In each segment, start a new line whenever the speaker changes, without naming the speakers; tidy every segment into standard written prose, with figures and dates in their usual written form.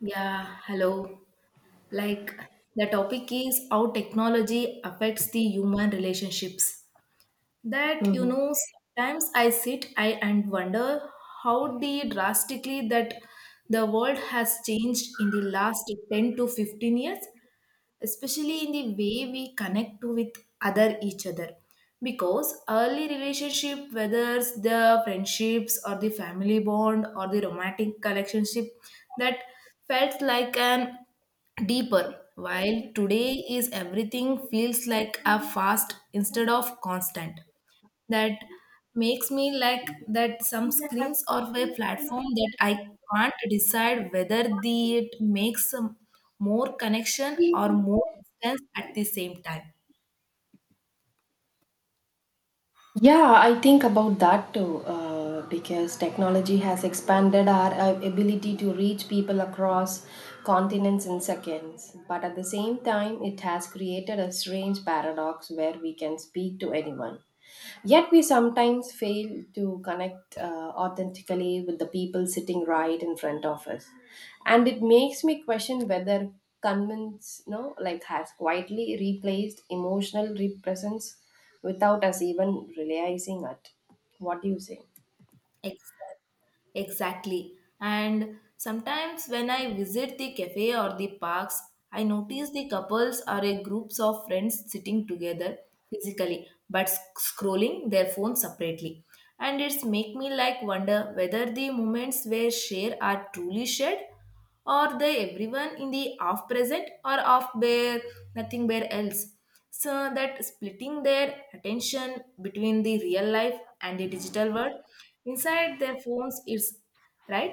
Yeah, hello. Like the topic is how technology affects the human relationships. That you
Mhm.
know, Sometimes I sit I and wonder how the drastically that the world has changed in the last 10 to 15 years, especially in the way we connect to with other each other, because early relationship, whether it's the friendships or the family bond or the romantic relationship that felt like an deeper, while today is everything feels like a fast instead of constant that makes me like that some screens or a platform that I can't decide whether the it makes some more connection or more distance at the same time.
Yeah, I think about that too, because technology has expanded our ability to reach people across continents in seconds. But at the same time, it has created a strange paradox where we can speak to anyone. Yet we sometimes fail to connect authentically with the people sitting right in front of us. And it makes me question whether convince, no, like has quietly replaced emotional presence without us even realizing it. What do you say?
Exactly. Exactly. And sometimes when I visit the cafe or the parks, I notice the couples are a groups of friends sitting together physically but scrolling their phones separately. And it's make me like wonder whether the moments were share are truly shared, are they everyone in the half present or half bare, nothing bare else? So that splitting their attention between the real life and the digital world inside their phones is right.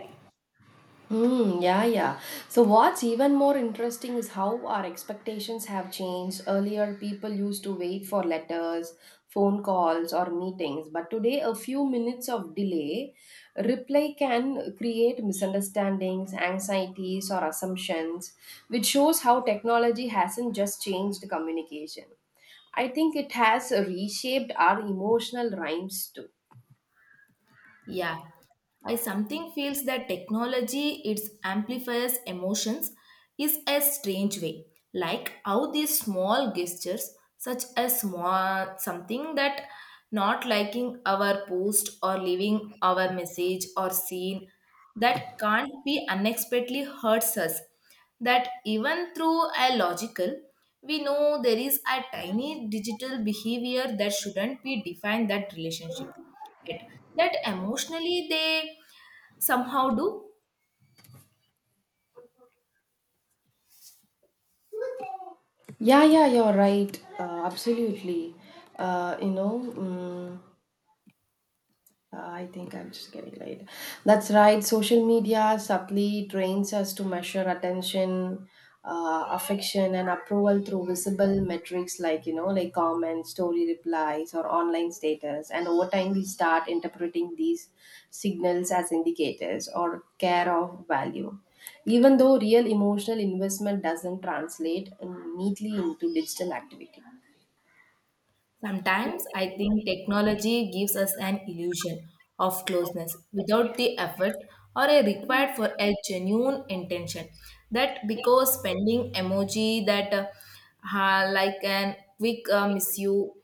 Hmm. Yeah, yeah. So, what's even more interesting is how our expectations have changed. Earlier, people used to wait for letters, phone calls, or meetings, but today, a few minutes of delay reply can create misunderstandings, anxieties, or assumptions, which shows how technology hasn't just changed communication. I think it has reshaped our emotional rhymes too.
Yeah, I something feels that technology its amplifies emotions is a strange way. Like how these small gestures, such as small something that not liking our post or leaving our message or scene that can't be unexpectedly hurts us. That even through a logical, we know there is a tiny digital behavior that shouldn't be defined that relationship it, that emotionally they somehow do.
Yeah, yeah, you're right. Absolutely. Uh, you know, mm I think I'm just getting late. That's right. Social media subtly trains us to measure attention, affection, and approval through visible metrics like, like comments, story replies, or online status. And over time, we start interpreting these signals as indicators or care of value. Even though real emotional investment doesn't translate neatly into digital activity.
Sometimes I think technology gives us an illusion of closeness without the effort or a required for a genuine intention. That because spending emoji that like an quick miss you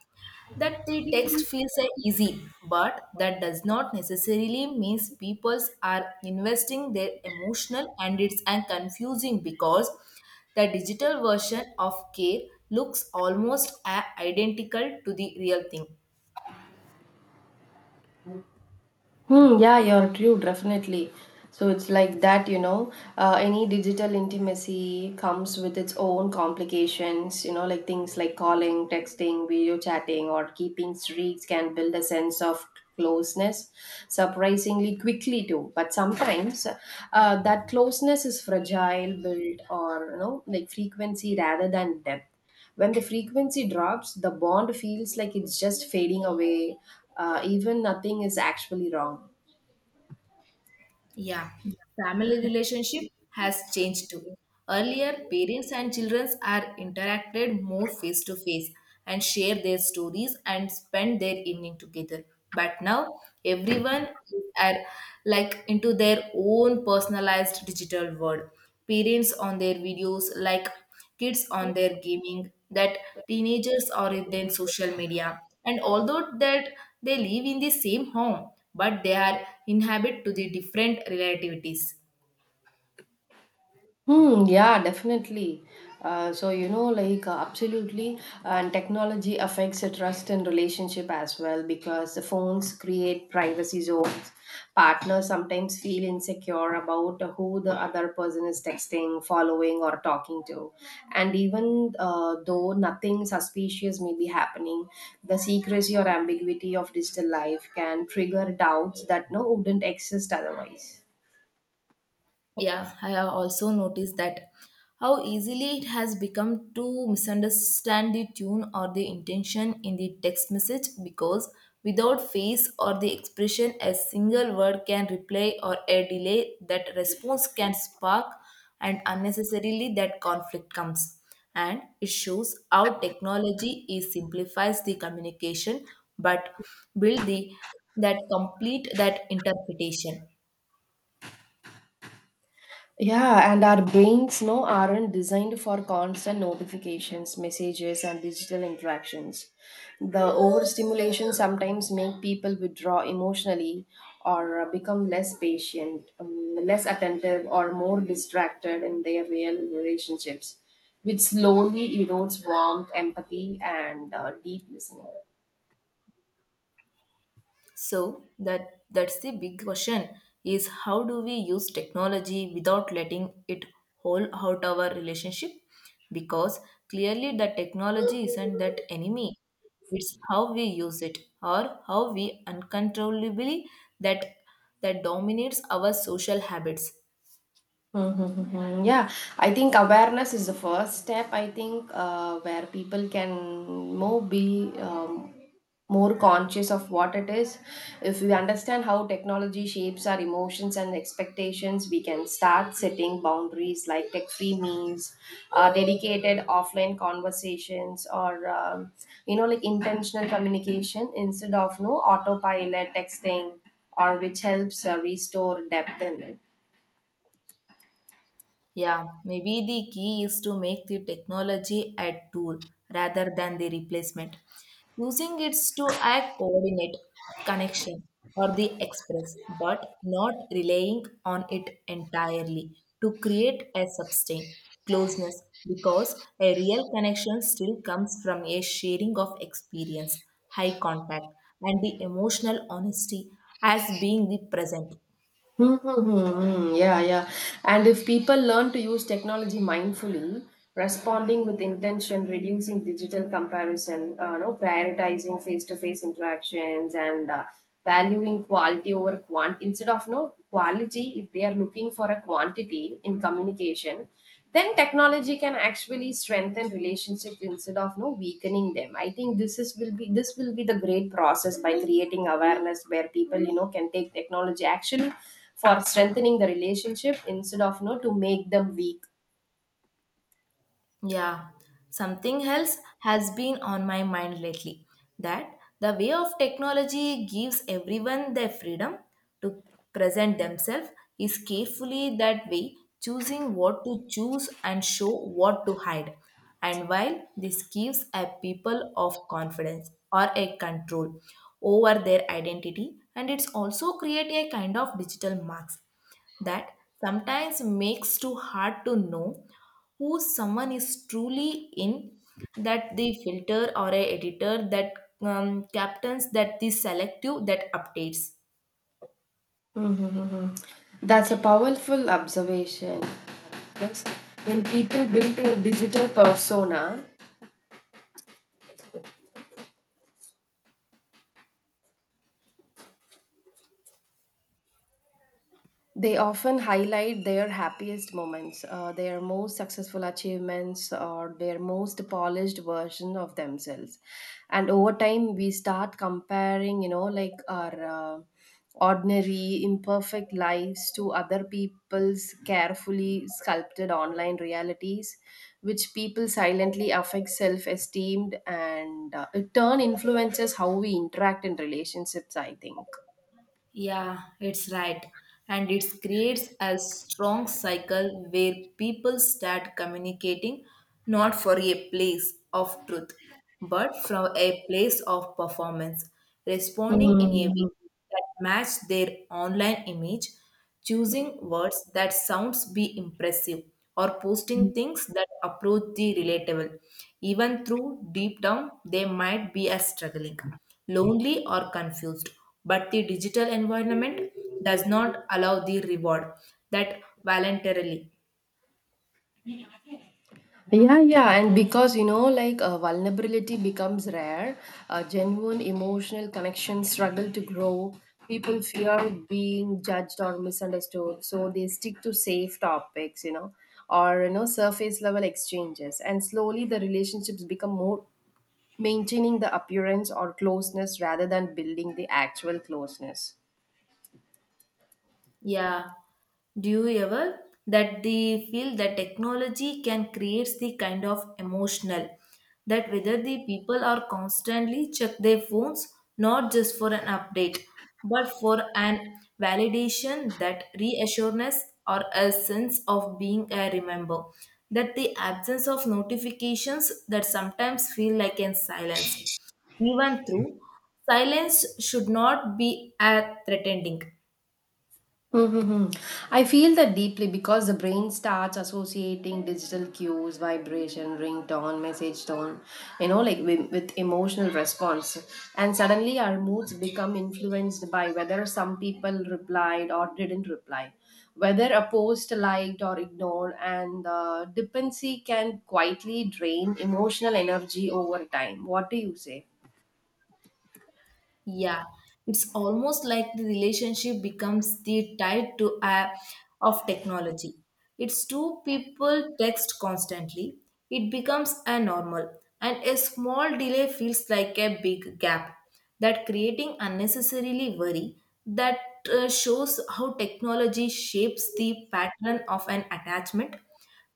that the text feels easy, but that does not necessarily means people are investing their emotional and it's and confusing because the digital version of care looks almost identical to the real thing.
Hmm, yeah, you're true, definitely. So it's like that. Any digital intimacy comes with its own complications, like things like calling, texting, video chatting, or keeping streaks can build a sense of closeness surprisingly quickly too, but sometimes that closeness is fragile, built or frequency rather than depth. When the frequency drops, the bond feels like it's just fading away, even nothing is actually wrong.
Yeah, family relationship has changed too. Earlier, parents and children are interacted more face to face and share their stories and spend their evening together. But now, everyone is are like into their own personalized digital world. Parents on their videos, like kids on their gaming, that teenagers are in their social media. And although that they live in the same home, but they are inhabit to the different relativities.
Hmm, yeah, definitely. So, like, absolutely. And technology affects the trust and relationship as well because the phones create privacy zones. Partners sometimes feel insecure about who the other person is texting, following, or talking to. And even though nothing suspicious may be happening, the secrecy or ambiguity of digital life can trigger doubts that wouldn't exist otherwise.
Yeah, I have also noticed that how easily it has become to misunderstand the tune or the intention in the text message, because without face or the expression, a single word can reply or a delay that response can spark, and unnecessarily that conflict comes. And it shows how technology is simplifies the communication but build the that complete that interpretation.
Yeah, and our brains aren't designed for constant notifications, messages, and digital interactions. The overstimulation sometimes make people withdraw emotionally or become less patient, less attentive, or more distracted in their real relationships, which slowly erodes warmth, empathy, and deep listening.
So that that's the big question is how do we use technology without letting it hold out our relationship? Because clearly the technology isn't that enemy. It's how we use it or how we uncontrollably that that dominates our social habits.
Mm-hmm. Yeah, I think awareness is the first step. I think where people can more be more conscious of what it is. If we understand how technology shapes our emotions and expectations, we can start setting boundaries like tech-free meals, dedicated offline conversations, or like intentional communication instead of no autopilot texting, or which helps restore depth in it.
Yeah, maybe the key is to make the technology a tool rather than the replacement. Using it to act coordinate, connection, or the express, but not relying on it entirely to create a sustain closeness, because a real connection still comes from a sharing of experience, high contact, and the emotional honesty as being the present.
Mm-hmm. Mm-hmm. Yeah, yeah. And if people learn to use technology mindfully, responding with intention, reducing digital comparison, no, prioritizing face-to-face interactions, and valuing quality over quantity instead of quality, if they are looking for a quantity in communication, then technology can actually strengthen relationships instead of no weakening them. I think this will be the great process, by creating awareness where people can take technology actually for strengthening the relationship instead of no to make them weak.
Yeah, something else has been on my mind lately, that the way of technology gives everyone their freedom to present themselves is carefully that way, choosing what to choose and show what to hide. And while this gives a people of confidence or a control over their identity, and it's also create a kind of digital marks that sometimes makes too hard to know who someone is truly in that the filter or a editor that captains that the selective that updates.
That's a powerful observation, because when people build a digital persona, they often highlight their happiest moments, their most successful achievements, or their most polished version of themselves. And over time, we start comparing, like, our ordinary, imperfect lives to other people's carefully sculpted online realities, which people silently affect self esteem, and it turn influences how we interact in relationships, I think.
Yeah, it's right. And it creates a strong cycle where people start communicating not for a place of truth but from a place of performance, responding in a way
Hmm.
that match their online image, choosing words that sounds be impressive or posting things that approach the relatable, even through deep down they might be as struggling, lonely or confused, but the digital environment does not allow the reward that voluntarily.
Yeah, yeah, and because like vulnerability becomes rare, genuine emotional connections struggle to grow. People fear being judged or misunderstood, so they stick to safe topics, or surface level exchanges. And slowly, the relationships become more maintaining the appearance or closeness rather than building the actual closeness.
Yeah. Do you ever that they feel that technology can create the kind of emotional that whether the people are constantly check their phones, not just for an update but for an validation that reassurance or a sense of being a remember, that the absence of notifications that sometimes feel like in silence, even through silence should not be a threatening.
Mm-hmm. I feel that deeply because the brain starts associating digital cues, vibration, ringtone, message tone, like, with emotional response. And suddenly our moods become influenced by whether some people replied or didn't reply, whether a post liked or ignored. And dependency can quietly drain emotional energy over time. What do you say?
Yeah, it's almost like the relationship becomes the tied to a of technology. It's two people text constantly. It becomes a normal, and a small delay feels like a big gap that creating unnecessarily worry that shows how technology shapes the pattern of an attachment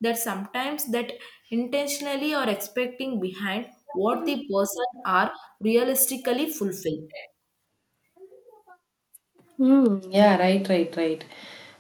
that sometimes that intentionally or expecting behind what the person are realistically fulfill.
Hmm. Yeah, right, right, right.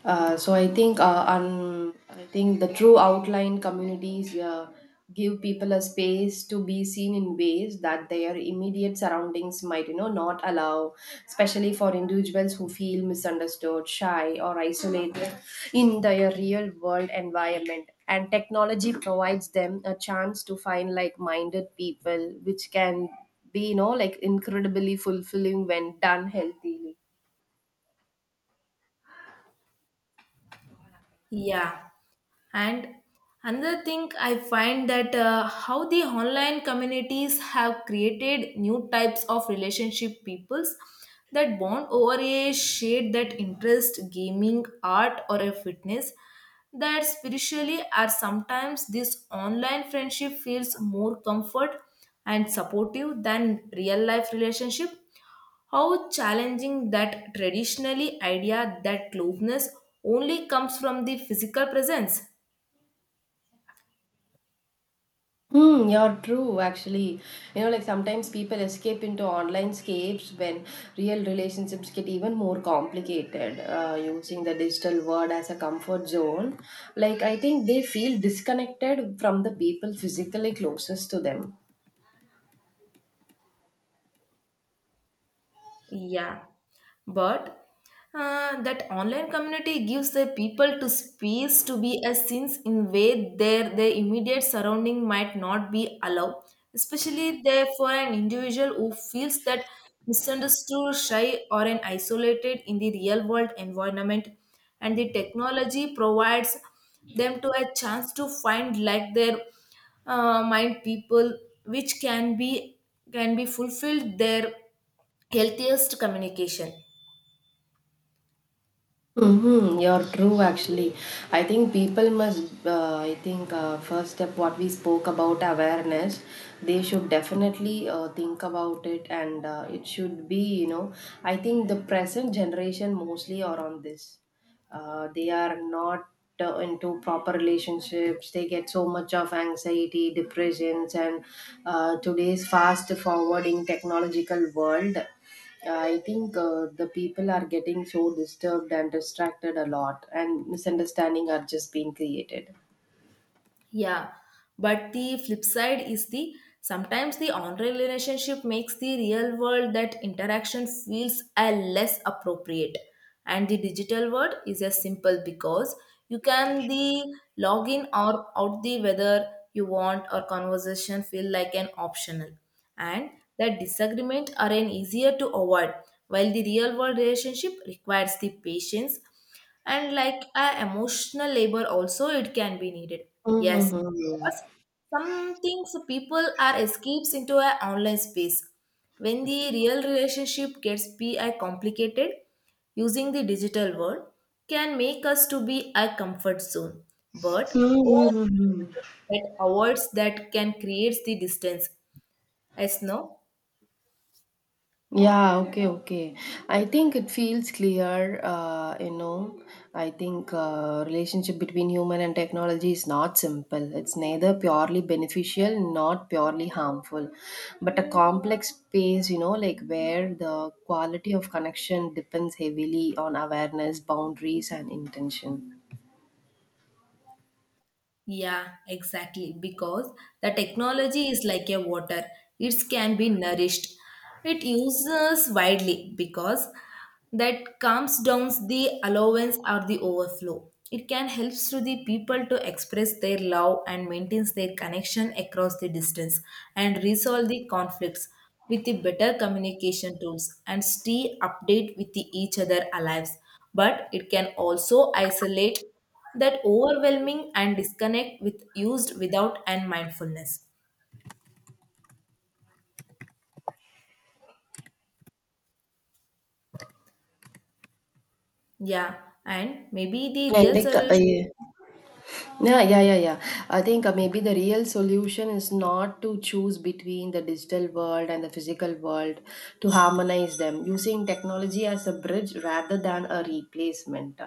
So I think the true outline communities give people a space to be seen in ways that their immediate surroundings might, not allow, especially for individuals who feel misunderstood, shy, or isolated in their real world environment. And technology provides them a chance to find like-minded people, which can be, like, incredibly fulfilling when done healthily.
Yeah. And another thing I find that how the online communities have created new types of relationship peoples that bond over a shade that interest gaming, art or a fitness that spiritually are sometimes this online friendship feels more comfort and supportive than real life relationship, how challenging that traditionally idea that closeness only comes from the physical presence.
Hmm, you're true, actually. Like sometimes people escape into online scapes when real relationships get even more complicated, using the digital world as a comfort zone. Like, I think they feel disconnected from the people physically closest to them.
Yeah, but that online community gives the people to space to be a since in way their immediate surrounding might not be allowed, especially there for an individual who feels that misunderstood, shy, or an isolated in the real world environment, and the technology provides them to a chance to find like their mind people, which can be fulfilled there healthiest communication.
Mm-hmm, you're true actually. I think people must, I think, first step what we spoke about awareness, they should definitely think about it, and it should be, I think the present generation mostly are on this. They are not into proper relationships, they get so much of anxiety, depressions, and today's fast forwarding technological world. I think the people are getting so disturbed and distracted a lot, and misunderstanding are just being created.
Yeah, but the flip side is the sometimes the online relationship makes the real world that interaction feels a less appropriate, and the digital world is as simple because you can the log in or out the whether you want or conversation feel like an optional, and that disagreement are an easier to avoid, while the real world relationship requires the patience and like a emotional labor also it can be needed. Yes,
Mm-hmm.
because some things people are escapes into a online space when the real relationship gets be a complicated, using the digital world can make us to be a comfort zone, but over that avoids that can create the distance. Yes, no.
Yeah, okay, okay. I think it feels clear. I think relationship between human and technology is not simple. It's neither purely beneficial not purely harmful, but a complex space, like where the quality of connection depends heavily on awareness, boundaries, and intention.
Yeah, exactly. Because the technology is like a water, it can be nourished. It uses widely because that calms down the allowance or the overflow. It can help to the people to express their love and maintains their connection across the distance and resolve the conflicts with the better communication tools and stay update with the each other alive. But it can also isolate that overwhelming and disconnect with used without and mindfulness. Yeah, and maybe the
I
real
think
solution.
yeah. Yeah, yeah, yeah, yeah. I think maybe the real solution is not to choose between the digital world and the physical world, to harmonize them, using technology as a bridge rather than a replacement.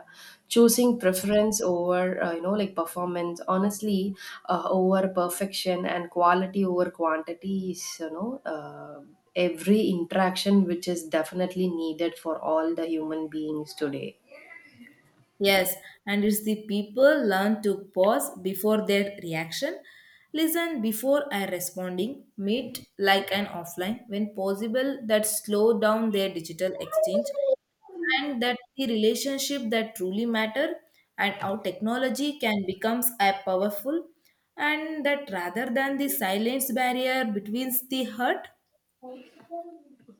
Choosing preference over, like, performance, honestly, over perfection, and quality over quantity is, every interaction which is definitely needed for all the human beings today.
Yes, and it's the people learn to pause before their reaction, listen before I responding, meet like an offline when possible, that slow down their digital exchange and that the relationship that truly matter and how technology can becomes a powerful, and that rather than the silence barrier between the hurt.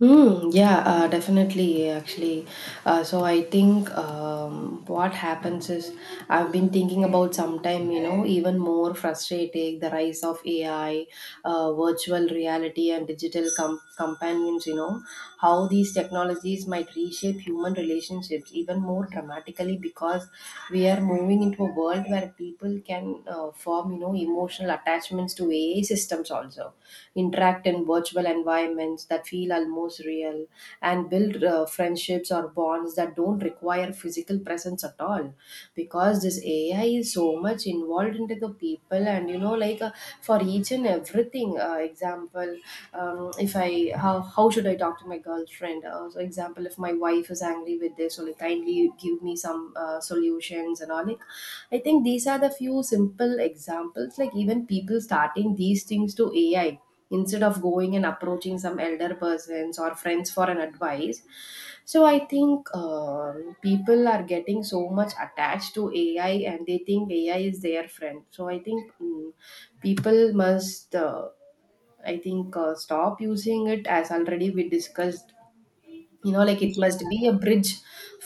Hmm. Yeah. Definitely. Actually. So I think what happens is, I've been thinking about sometime even more frustrating the rise of AI, virtual reality, and digital companions. You know how these technologies might reshape human relationships even more dramatically, because we are moving into a world where people can form, emotional attachments to AI systems, also interact in virtual environments that feel almost real, and build friendships or bonds that don't require physical presence at all. Because this AI is so much involved into the people, and for each and everything, example, if I, how should I talk to my girlfriend, so example, if my wife is angry with this, so like kindly give me some solutions and all. Like, I think these are the few simple examples, like, even people starting these things to AI instead of going and approaching some elder persons or friends for an advice. So I think people are getting so much attached to AI, and they think AI is their friend. So I think people must, I think, stop using it, as already we discussed. Like it must
Yeah,
be a bridge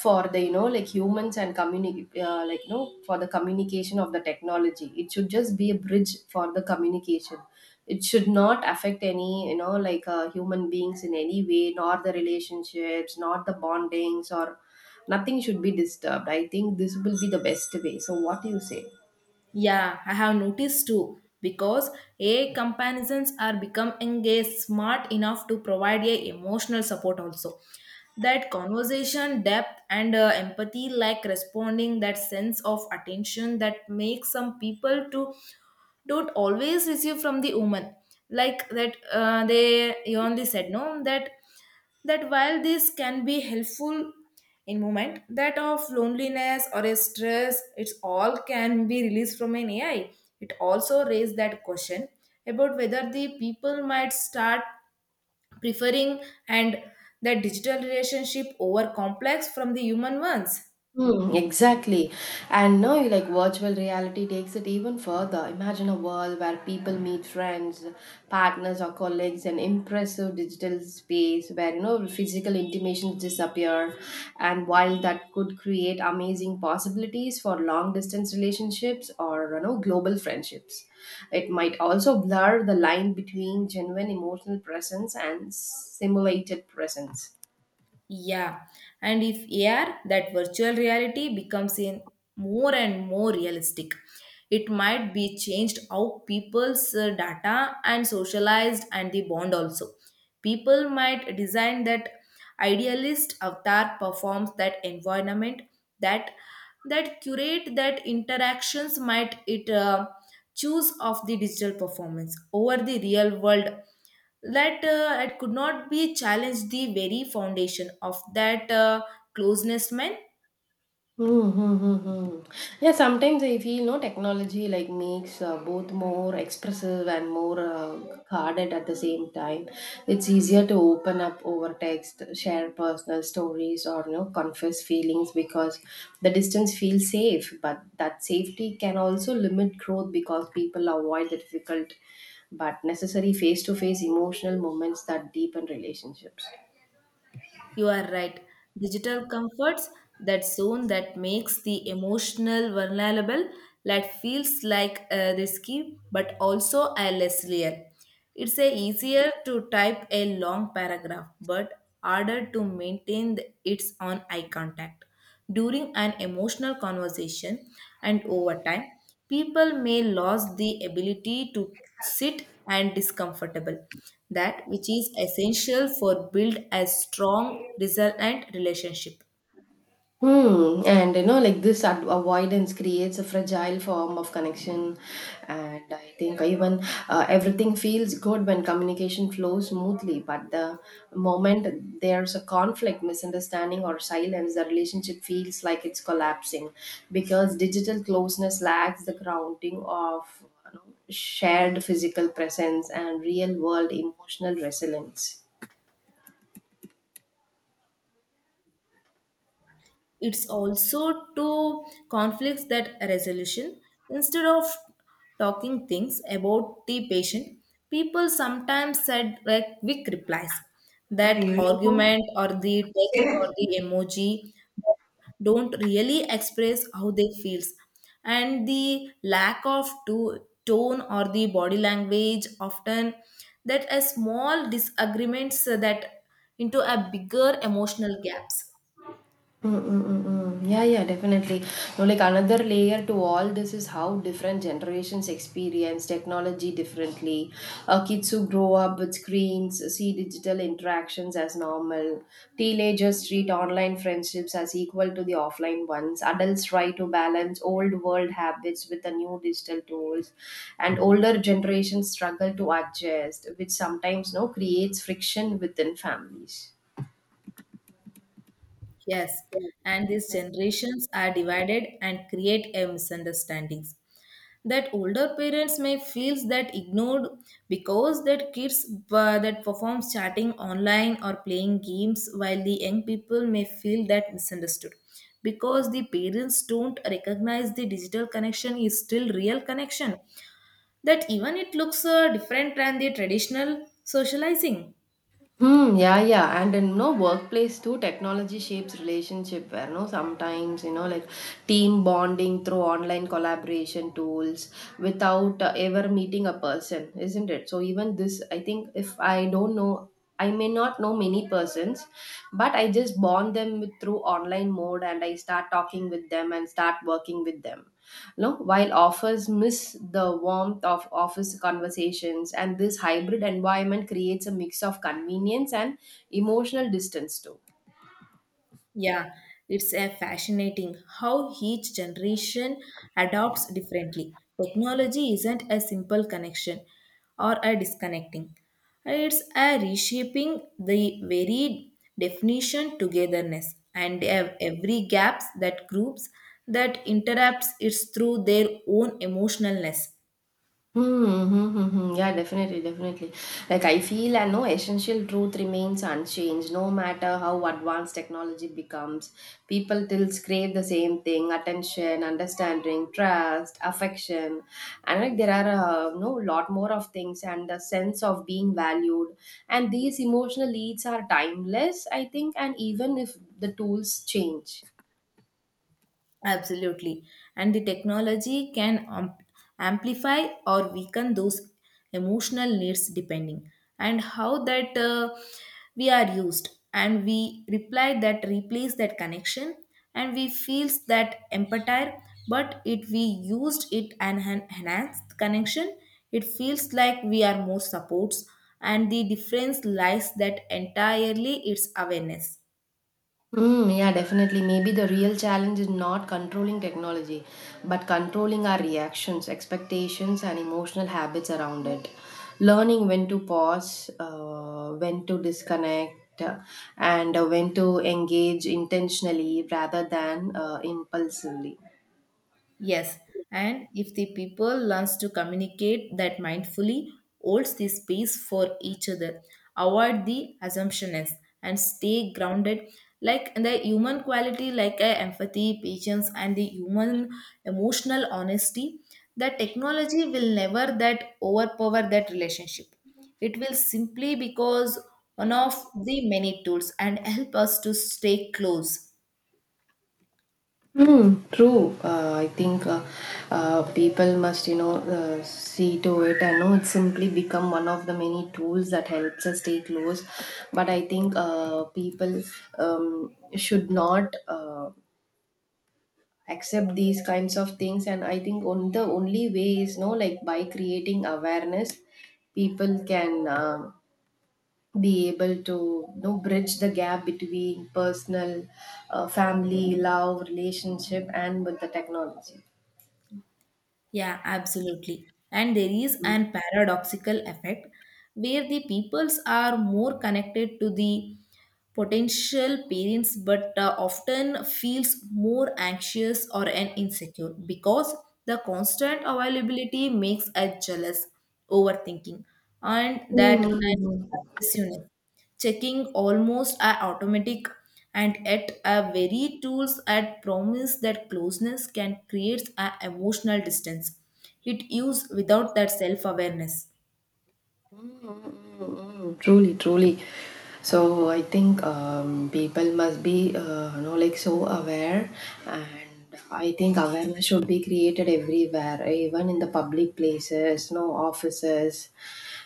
for the humans and communicate, like, for the communication of the technology. It should just be a bridge for the communication. It should not affect any human beings in any way, nor the relationships, not the bondings, or nothing should be disturbed. I think this will be the best way. So, what do you say?
yeah, I have noticed too because AI comparisons are become engaged smart enough to provide a emotional support also, that conversation depth and empathy like responding that sense of attention that makes some people to don't always receive from the woman, like that they you only said no that that while this can be helpful in moment that of loneliness or a stress, it's all can be released from an ai, it also raised that question about whether the people might start preferring and the digital relationship over complex from the human ones.
Hmm, exactly. And now you like virtual reality takes it even further. Imagine a world where people meet friends, partners, or colleagues an impressive digital space where physical intimations disappear. And while that could create amazing possibilities for long distance relationships or global friendships. It might also blur the line between genuine emotional presence and simulated presence.
Yeah, and if AR, that virtual reality becomes in more and more realistic. It might be changed how people's data and socialized and the bond also. People might design that idealist avatar performs that environment that that curate that interactions might it choose of the digital performance over the real world that it could not be challenged the very foundation of that closeness man.
Hmm, hmm, hmm, hmm. Yeah, sometimes I feel no technology like makes both more expressive and more guarded at the same time. It's easier to open up over text, share personal stories, or confess feelings, because the distance feels safe. But that safety can also limit growth, because people avoid the difficult but necessary face-to-face emotional moments that deepen relationships.
You are right, digital comforts that zone that makes the emotional vulnerable that feels like risky but also a less real. It's a easier to type a long paragraph but harder to maintain its on eye contact during an emotional conversation, and over time people may lose the ability to sit and discomfortable that which is essential for build a strong, resilient relationship.
Hmm. And like, this avoidance creates a fragile form of connection. And I think even everything feels good when communication flows smoothly. But the moment there's a conflict, misunderstanding, or silence, the relationship feels like it's collapsing because digital closeness lacks the grounding of shared physical presence and real world emotional resilience.
It's also to conflicts that resolution, instead of talking things about the patient, people sometimes said like quick replies
Uh,
that
uniform.
argument or the text or
Yeah.
the emoji don't really express how they feels, and the lack of tone or the body language often that a small disagreements that into a bigger emotional gaps.
Mm, mm, mm, mm. Yeah, yeah, definitely. No, like another layer to all this is how different generations experience technology differently. Kids who grow up with screens see digital interactions as normal. Teenagers treat online friendships as equal to the offline ones. Adults try to balance old world habits with the new digital tools, and older generations struggle to adjust, which sometimes no creates friction within families.
Yes, and these generations are divided and create a misunderstandings that older parents may feel that ignored because that kids that perform chatting online or playing games, while the young people may feel that misunderstood because the parents don't recognize the digital connection is still real connection, that even it looks different than the traditional socializing.
Hmm, yeah, yeah. And in no workplace too, technology shapes relationship where no sometimes, like team bonding through online collaboration tools without ever meeting a person, isn't it? So even this, I think if I don't know, I may not know many persons, but I just bond them with, through online mode and I start talking with them and start working with them. No, while offers miss the warmth of office conversations, and this hybrid environment creates a mix of convenience and emotional distance too.
Yeah, it's a fascinating how each generation adopts differently. Technology isn't a simple connection or a disconnecting. It's a reshaping the very definition togetherness and every gaps that groups that interrupts it's through their own emotionalness.
Mhm, mhm, mhm. Yeah, definitely, definitely. Like I feel, and no essential truth remains unchanged. No matter how advanced technology becomes, people still crave the same thing: attention, understanding, trust, affection, and like there are no lot more of things, and the sense of being valued. And these emotional needs are timeless, I think, and even if the tools change.
Absolutely. And the technology can amplify or weaken those emotional needs depending and how that we are used and we reply that replace that connection and we feels that empathy, but if we used it and enhanced connection, it feels like we are more supports, and the difference lies that entirely its awareness.
Mm, yeah, definitely. Maybe the real challenge is not controlling technology, but controlling our reactions, expectations, and emotional habits around it. Learning when to pause, when to disconnect, and when to engage intentionally rather than impulsively.
Yes, and if the people learns to communicate that mindfully, holds the space for each other, avoid the assumptions and stay grounded. Like the human quality, like empathy, patience, and the human emotional honesty, the technology will never that overpower that relationship. It will simply because one of the many tools and help us to stay close.
Hmm. True. I think people must, see to it. I know it's simply become one of the many tools that helps us stay close. But I think people should not accept these kinds of things. And I think on the only way is, no, like by creating awareness, people can be able to, bridge the gap between personal, family, love, relationship, and with the technology.
Yeah, absolutely. And there is an paradoxical effect where the peoples are more connected to the potential parents but often feels more anxious or an insecure because the constant availability makes us jealous, overthinking, and that obsessiveness checking almost are automatic, and yet our very tools at promise that closeness can create an emotional distance it used without that self-awareness.
Mm, truly, truly. So I think people must be, like so aware, and I think awareness should be created everywhere, even in the public places, no offices,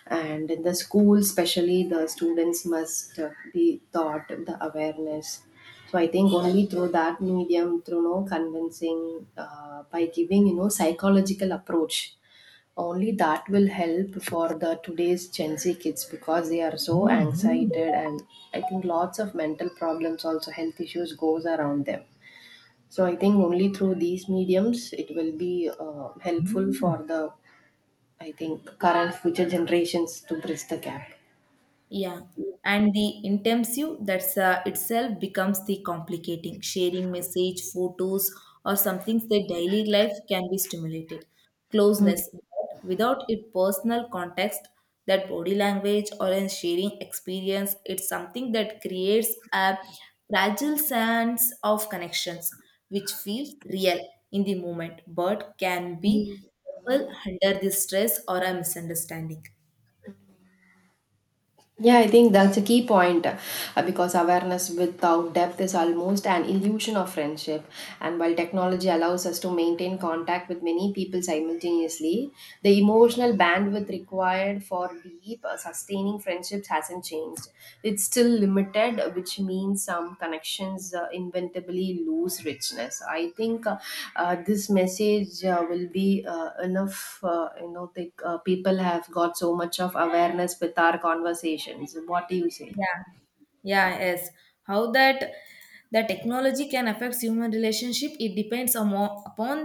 and in the school, especially the students must be taught the awareness. So I think only through that medium, through no convincing, by giving psychological approach only that will help for the today's gen z kids because they are so anxiety and I think lots of mental problems also health issues goes around them. So I think only through these mediums it will be helpful for the, I think, current future generations to bridge the gap.
Yeah, and the intensive that's itself becomes the complicating. Sharing message, photos, or something that daily life can be stimulated. Closeness, but without it personal context, that body language or a sharing experience, it's something that creates a fragile sense of connections, which feels real in the moment, but can be under the stress or a misunderstanding.
Yeah, I think that's a key point because awareness without depth is almost an illusion of friendship. And while technology allows us to maintain contact with many people simultaneously, the emotional bandwidth required for deep, sustaining friendships hasn't changed. It's still limited, which means some connections inventably lose richness. I think this message will be enough. You know, the people have got so much of awareness with our conversations. What do you say?
Yeah. Yeah, yes. How that the technology can affect human relationship, it depends on upon